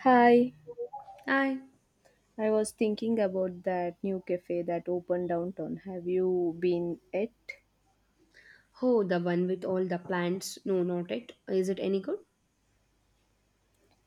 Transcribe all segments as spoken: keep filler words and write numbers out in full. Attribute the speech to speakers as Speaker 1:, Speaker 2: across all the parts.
Speaker 1: Hi,
Speaker 2: I
Speaker 1: I was thinking about that new cafe that opened downtown. Have you been it?
Speaker 2: oh, the one with all the plants. No, not it. Is it any good?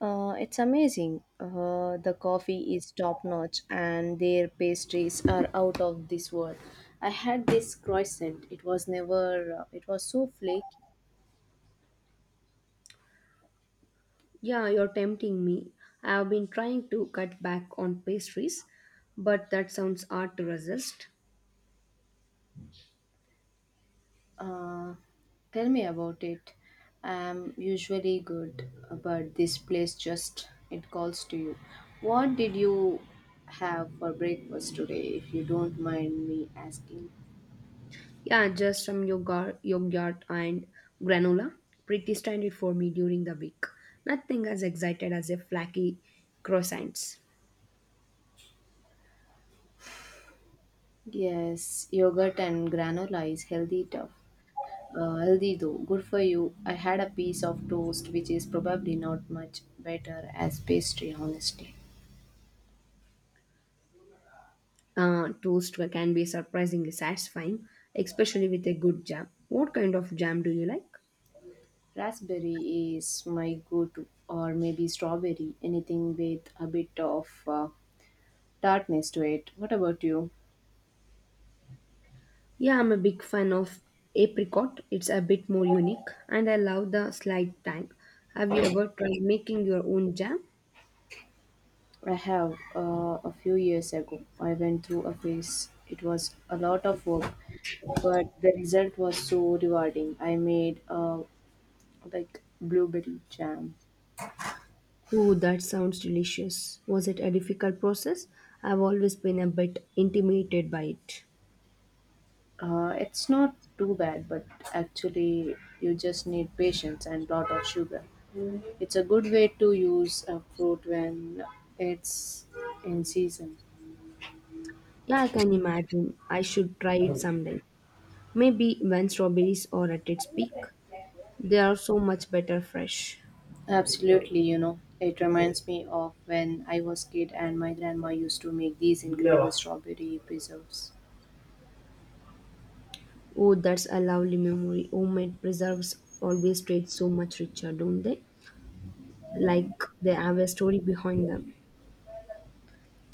Speaker 1: Uh, it's amazing. Uh, the coffee is top notch and their pastries are out of this world. I had this croissant. It was never, uh, it was so flaky.
Speaker 2: Yeah, you're tempting me. I have been trying to cut back on pastries, but that sounds hard to resist.
Speaker 1: Uh, Tell me about it. I'm usually good, but this place just it calls to you. What did you have for breakfast today, if you don't mind me asking?
Speaker 2: Yeah, just some yogurt, yogurt and granola. Pretty standard for me during the week. Nothing as excited as a flaky croissants.
Speaker 1: Yes, yogurt and granola is healthy tough. Uh, healthy though, good for you. I had a piece of toast, which is probably not much better as pastry, honestly.
Speaker 2: Uh, toast can be surprisingly satisfying, especially with a good jam. What kind of jam do you like?
Speaker 1: Raspberry is my go to, or maybe strawberry, anything with a bit of uh, darkness to it. What about you?
Speaker 2: Yeah, I'm a big fan of apricot. It's a bit more unique and I love the slight tang. Have you ever tried making your own jam?
Speaker 1: I have uh, a few years ago. I went through a phase. It was a lot of work, but the result was so rewarding. I made uh, like blueberry jam.
Speaker 2: Oh, that sounds delicious. Was it a difficult process? I've always been a bit intimidated by it.
Speaker 1: Uh, it's not too bad, but actually, you just need patience and lot of sugar. It's a good way to use a fruit when it's in season.
Speaker 2: Yeah, I can imagine. I should try it someday. Maybe when strawberries are at its peak. They are so much better fresh.
Speaker 1: Absolutely, you know, it reminds me of when I was kid and my grandma used to make these incredible strawberry preserves.
Speaker 2: Oh, that's a lovely memory. Homemade preserves always taste so much richer, don't they? Like they have a story behind them.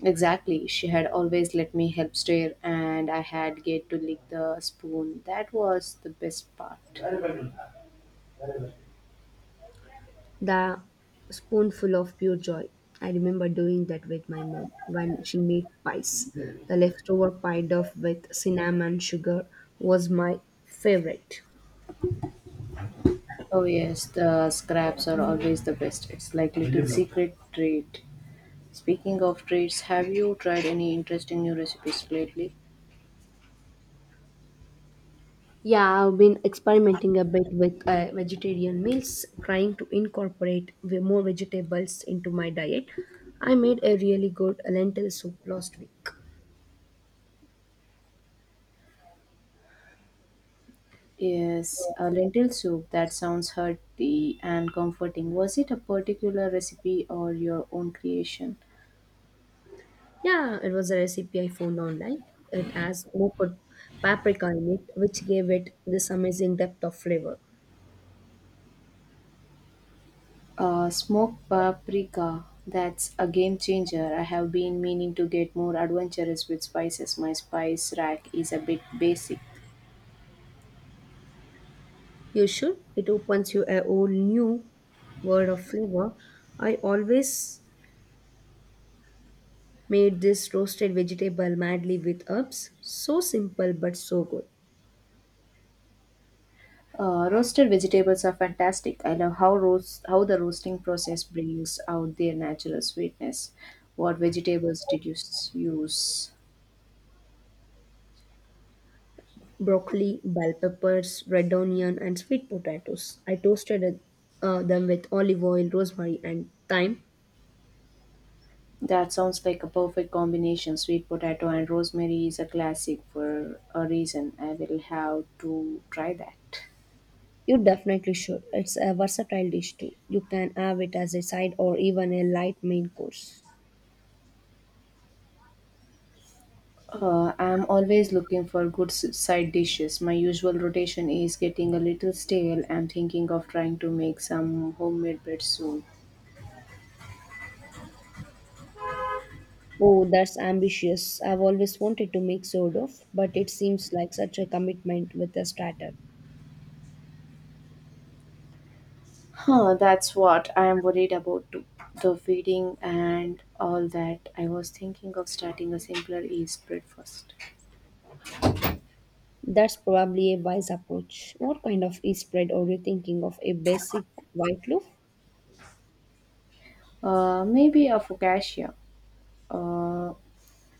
Speaker 1: Exactly, she had always let me help stir and I had get to lick the spoon. That was the best part.
Speaker 2: The spoonful of pure joy. I remember doing that with my mom when she made pies. The leftover pie dough with cinnamon sugar was my favorite.
Speaker 1: Oh yes, the scraps are always the best. It's like little secret treat. Speaking of treats, have you tried any interesting new recipes lately?
Speaker 2: Yeah, I've been experimenting a bit with uh, vegetarian meals, trying to incorporate ve- more vegetables into my diet. I made a really good lentil soup last week.
Speaker 1: Yes, a lentil soup that sounds hearty and comforting. Was it a particular recipe or your own creation?
Speaker 2: Yeah, it was a recipe I found online. It has more paprika in it, which gave it this amazing depth of flavor.
Speaker 1: Uh, smoked paprika, that's a game changer. I have been meaning to get more adventurous with spices. My spice rack is a bit basic.
Speaker 2: You should. It opens you a whole new world of flavor. I always made this roasted vegetable madly with herbs. So simple but so good.
Speaker 1: Uh, roasted vegetables are fantastic. I love how roast how the roasting process brings out their natural sweetness. What vegetables did you s- use?
Speaker 2: Broccoli, bell peppers, red onion, and sweet potatoes. I toasted uh, them with olive oil, rosemary, and thyme.
Speaker 1: That sounds like a perfect combination. Sweet potato and rosemary is a classic for a reason. I will have to try that.
Speaker 2: You definitely should. It's a versatile dish too. You can have it as a side or even a light main course.
Speaker 1: Uh, I'm always looking for good s- side dishes. My usual rotation is getting a little stale. I'm thinking of trying to make some homemade bread soon.
Speaker 2: Oh, that's ambitious. I've always wanted to make Sordov, but it seems like such a commitment with a starter.
Speaker 1: Huh, that's what I am worried about too. The feeding and all that. I was thinking of starting a simpler yeast bread first.
Speaker 2: That's probably a wise approach. What kind of yeast spread are you thinking of? A basic white loaf?
Speaker 1: Uh, maybe a focaccia. Uh,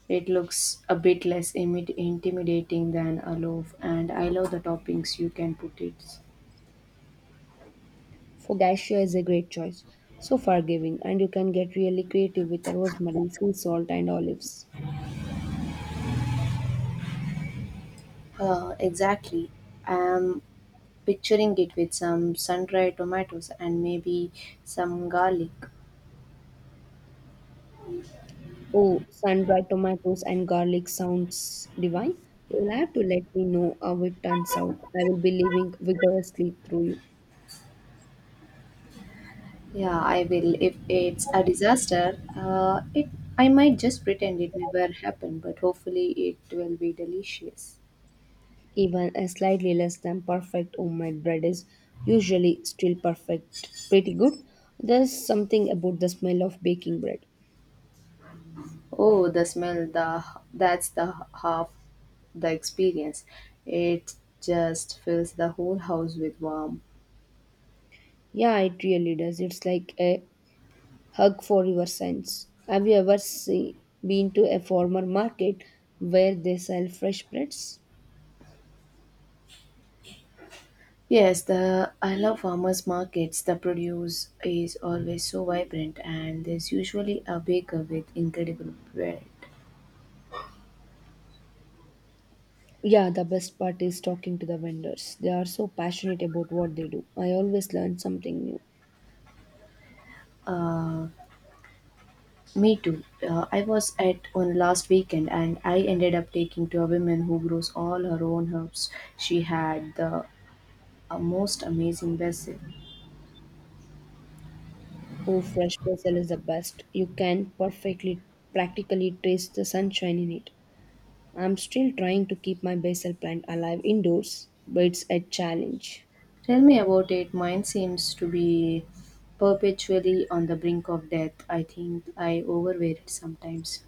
Speaker 1: It looks a bit less imid- intimidating than a loaf, and I love the toppings you can put it.
Speaker 2: Focaccia is a great choice. So forgiving, and you can get really creative with the rosemary, sea salt, and olives.
Speaker 1: Uh, exactly. I'm picturing it with some sun-dried tomatoes and maybe some garlic.
Speaker 2: Oh, sun-dried tomatoes and garlic sounds divine. You'll have to let me know how it turns out. I will be living vigorously through you.
Speaker 1: Yeah, I will. If it's a disaster, uh, it I might just pretend it never happened, but hopefully it will be delicious.
Speaker 2: Even a slightly less than perfect homemade bread is usually still perfect, pretty good. There's something about the smell of baking bread.
Speaker 1: Oh, the smell, the that's the half the experience. It just fills the whole house with warmth.
Speaker 2: Yeah, it really does. It's like a hug for your sense. Have you ever see, been to a farmer market where they sell fresh breads?
Speaker 1: Yes, the I love farmers markets. The produce is always so vibrant, and there's usually a baker with incredible bread.
Speaker 2: Yeah, the best part is talking to the vendors. They are so passionate about what they do. I always learn something new.
Speaker 1: Uh, Me too. Uh, I was at one last weekend, and I ended up taking to a woman who grows all her own herbs. She had the uh, most amazing basil.
Speaker 2: Oh, fresh basil is the best. You can perfectly, practically taste the sunshine in it. I'm still trying to keep my basil plant alive indoors, but it's a challenge.
Speaker 1: Tell me about it. Mine seems to be perpetually on the brink of death. I think I overwear it sometimes.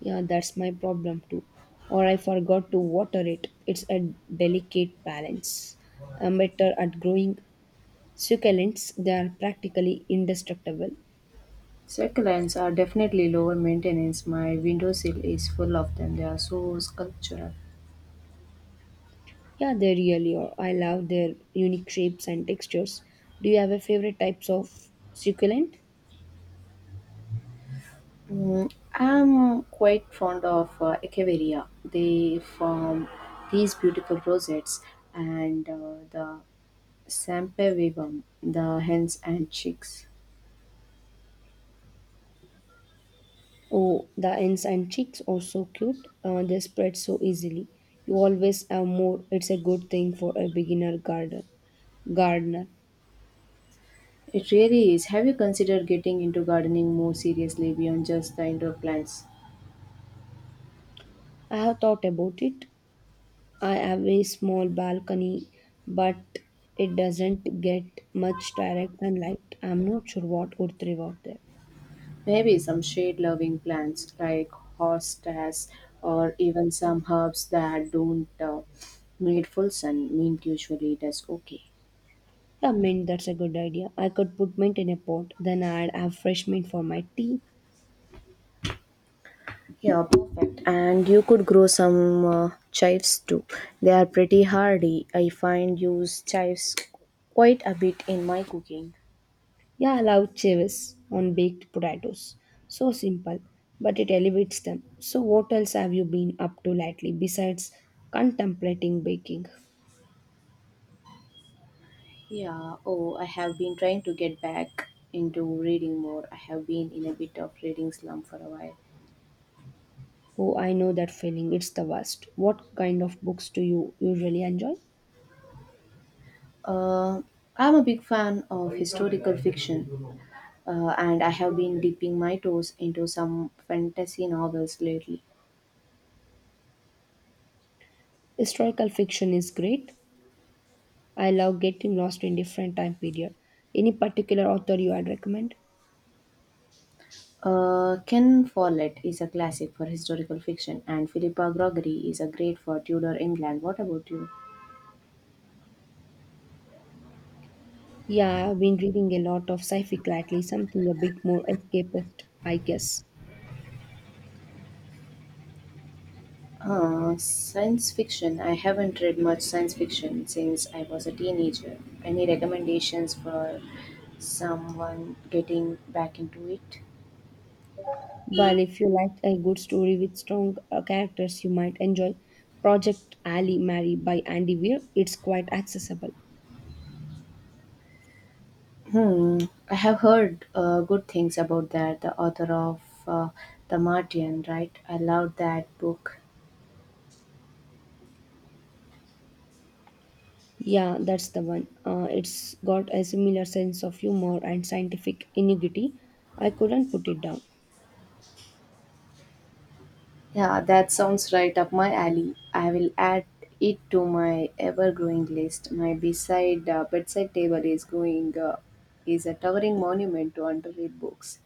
Speaker 2: Yeah, that's my problem too. Or I forgot to water it. It's a delicate balance. I'm better at growing succulents. They are practically indestructible.
Speaker 1: Succulents are definitely lower maintenance. My windowsill is full of them. They are so sculptural.
Speaker 2: Yeah, they really are. I love their unique shapes and textures. Do you have a favorite types of succulent?
Speaker 1: Mm, I'm quite fond of uh, Echeveria. They form these beautiful rosettes and uh, the Sampevivum, the hens and chicks.
Speaker 2: Oh, the ends and chicks are so cute. Uh, they spread so easily. You always have more. It's a good thing for a beginner gardener. gardener.
Speaker 1: It really is. Have you considered getting into gardening more seriously beyond just the indoor plants?
Speaker 2: I have thought about it. I have a small balcony, but it doesn't get much direct sunlight. I'm not sure what would thrive out there.
Speaker 1: Maybe some shade loving plants like hostas or even some herbs that don't uh, need full sun. Mint usually does okay.
Speaker 2: Yeah, mint, that's a good idea. I could put mint in a pot, then I'd have fresh mint for my tea.
Speaker 1: Yeah, perfect. And you could grow some uh, chives too. They are pretty hardy. I find use chives quite a bit in my cooking.
Speaker 2: Yeah, I love chives on baked potatoes. So simple, but it elevates them. So, what else have you been up to lately besides contemplating baking?
Speaker 1: Yeah, oh, I have been trying to get back into reading more. I have been in a bit of reading slump for a while.
Speaker 2: Oh, I know that feeling. It's the worst. What kind of books do you usually enjoy?
Speaker 1: Uh, I'm a big fan of historical fiction, uh, and I have been dipping my toes into some fantasy novels lately.
Speaker 2: Historical fiction is great. I love getting lost in different time period. Any particular author you would recommend?
Speaker 1: Uh, Ken Follett is a classic for historical fiction, and Philippa Gregory is a great for Tudor England. What about you?
Speaker 2: Yeah, I've been reading a lot of sci-fi lately, something a bit more escapist, I guess.
Speaker 1: Uh, science fiction. I haven't read much science fiction since I was a teenager. Any recommendations for someone getting back into it?
Speaker 2: Well, if you like a good story with strong uh, characters, you might enjoy Project Ali Mary by Andy Weir. It's quite accessible.
Speaker 1: Hmm. I have heard uh, good things about that. The author of uh, The Martian, right? I love that book.
Speaker 2: Yeah, that's the one. Uh, it's got a similar sense of humor and scientific ingenuity. I couldn't put it down.
Speaker 1: Yeah, that sounds right up my alley. I will add it to my ever-growing list. My beside uh, bedside table is going uh, is a towering monument to underread books.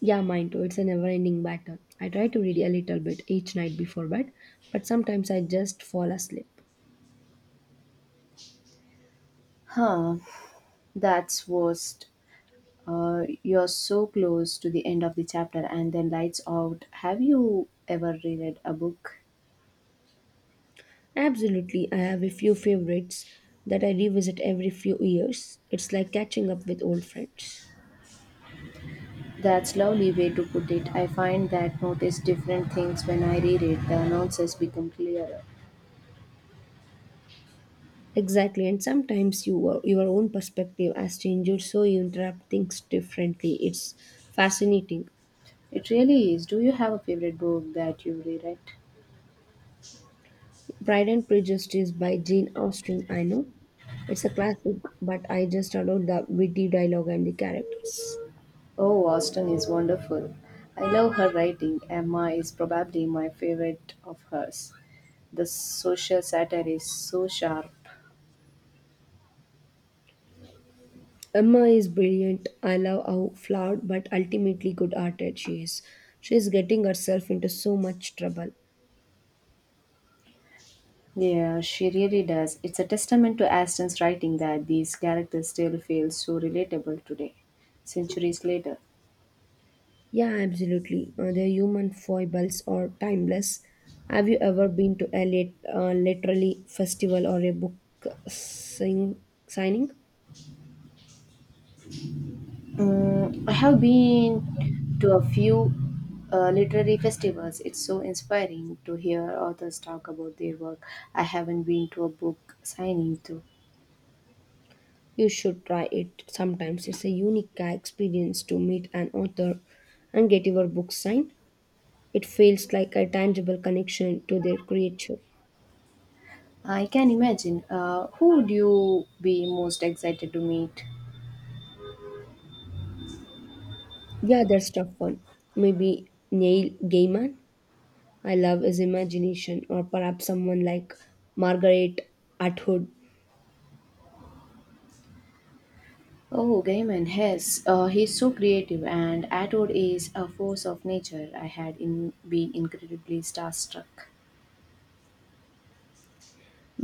Speaker 2: Yeah, mine too. It's a never ending battle. I try to read a little bit each night before bed, but sometimes I just fall asleep.
Speaker 1: Huh, that's worst. Uh, you're so close to the end of the chapter and then lights out. Have you ever reread a book?
Speaker 2: Absolutely, I have a few favorites that I revisit every few years. It's like catching up with old friends.
Speaker 1: That's lovely way to put it. I find that notice different things when I reread. The nuances become clearer.
Speaker 2: Exactly, and sometimes your your own perspective has changed, so you interpret things differently. It's fascinating.
Speaker 1: It really is. Do you have a favorite book that you reread?
Speaker 2: Pride and Prejudice by Jane Austen. I know it's a classic, but I just adore the witty dialogue and the characters.
Speaker 1: Oh, Austen is wonderful. I love her writing. Emma is probably my favorite of hers. The social satire is so sharp.
Speaker 2: Emma is brilliant. I love how flawed but ultimately good-hearted she is. She is getting herself into so much trouble.
Speaker 1: Yeah, she really does. It's a testament to Aston's writing that these characters still feel so relatable today, centuries later.
Speaker 2: Yeah, absolutely. Uh, the human foibles are timeless. Have you ever been to a lit, uh, literally festival or a book sing- signing?
Speaker 1: Mm, I have been to a few uh, literary festivals. It's so inspiring to hear authors talk about their work. I haven't been to a book signing, though.
Speaker 2: You should try it. Sometimes it's a unique experience to meet an author and get your book signed. It feels like a tangible connection to their creature.
Speaker 1: I can imagine. Uh, who would you be most excited to meet?
Speaker 2: Yeah, that's tough one. Maybe Neil Gaiman. I love his imagination, or perhaps someone like Margaret Atwood.
Speaker 1: Oh, Gaiman, yes. Uh, he's so creative, and Atwood is a force of nature. I had in, been incredibly starstruck.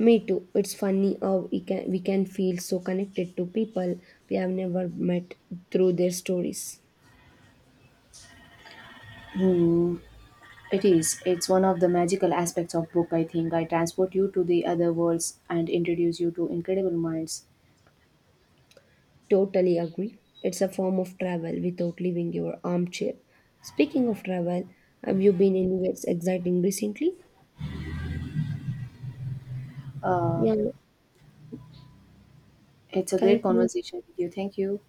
Speaker 2: Me too. It's funny how we can we can feel so connected to people we have never met through their stories.
Speaker 1: Hmm, it is. It's one of the magical aspects of book, I think. I transport you to the other worlds and introduce you to incredible minds.
Speaker 2: Totally agree. It's a form of travel without leaving your armchair. Speaking of travel, have you been anywhere exciting recently?
Speaker 1: Uh,
Speaker 2: Yeah,
Speaker 1: it's a great
Speaker 2: thank you.
Speaker 1: conversation with you. Thank you.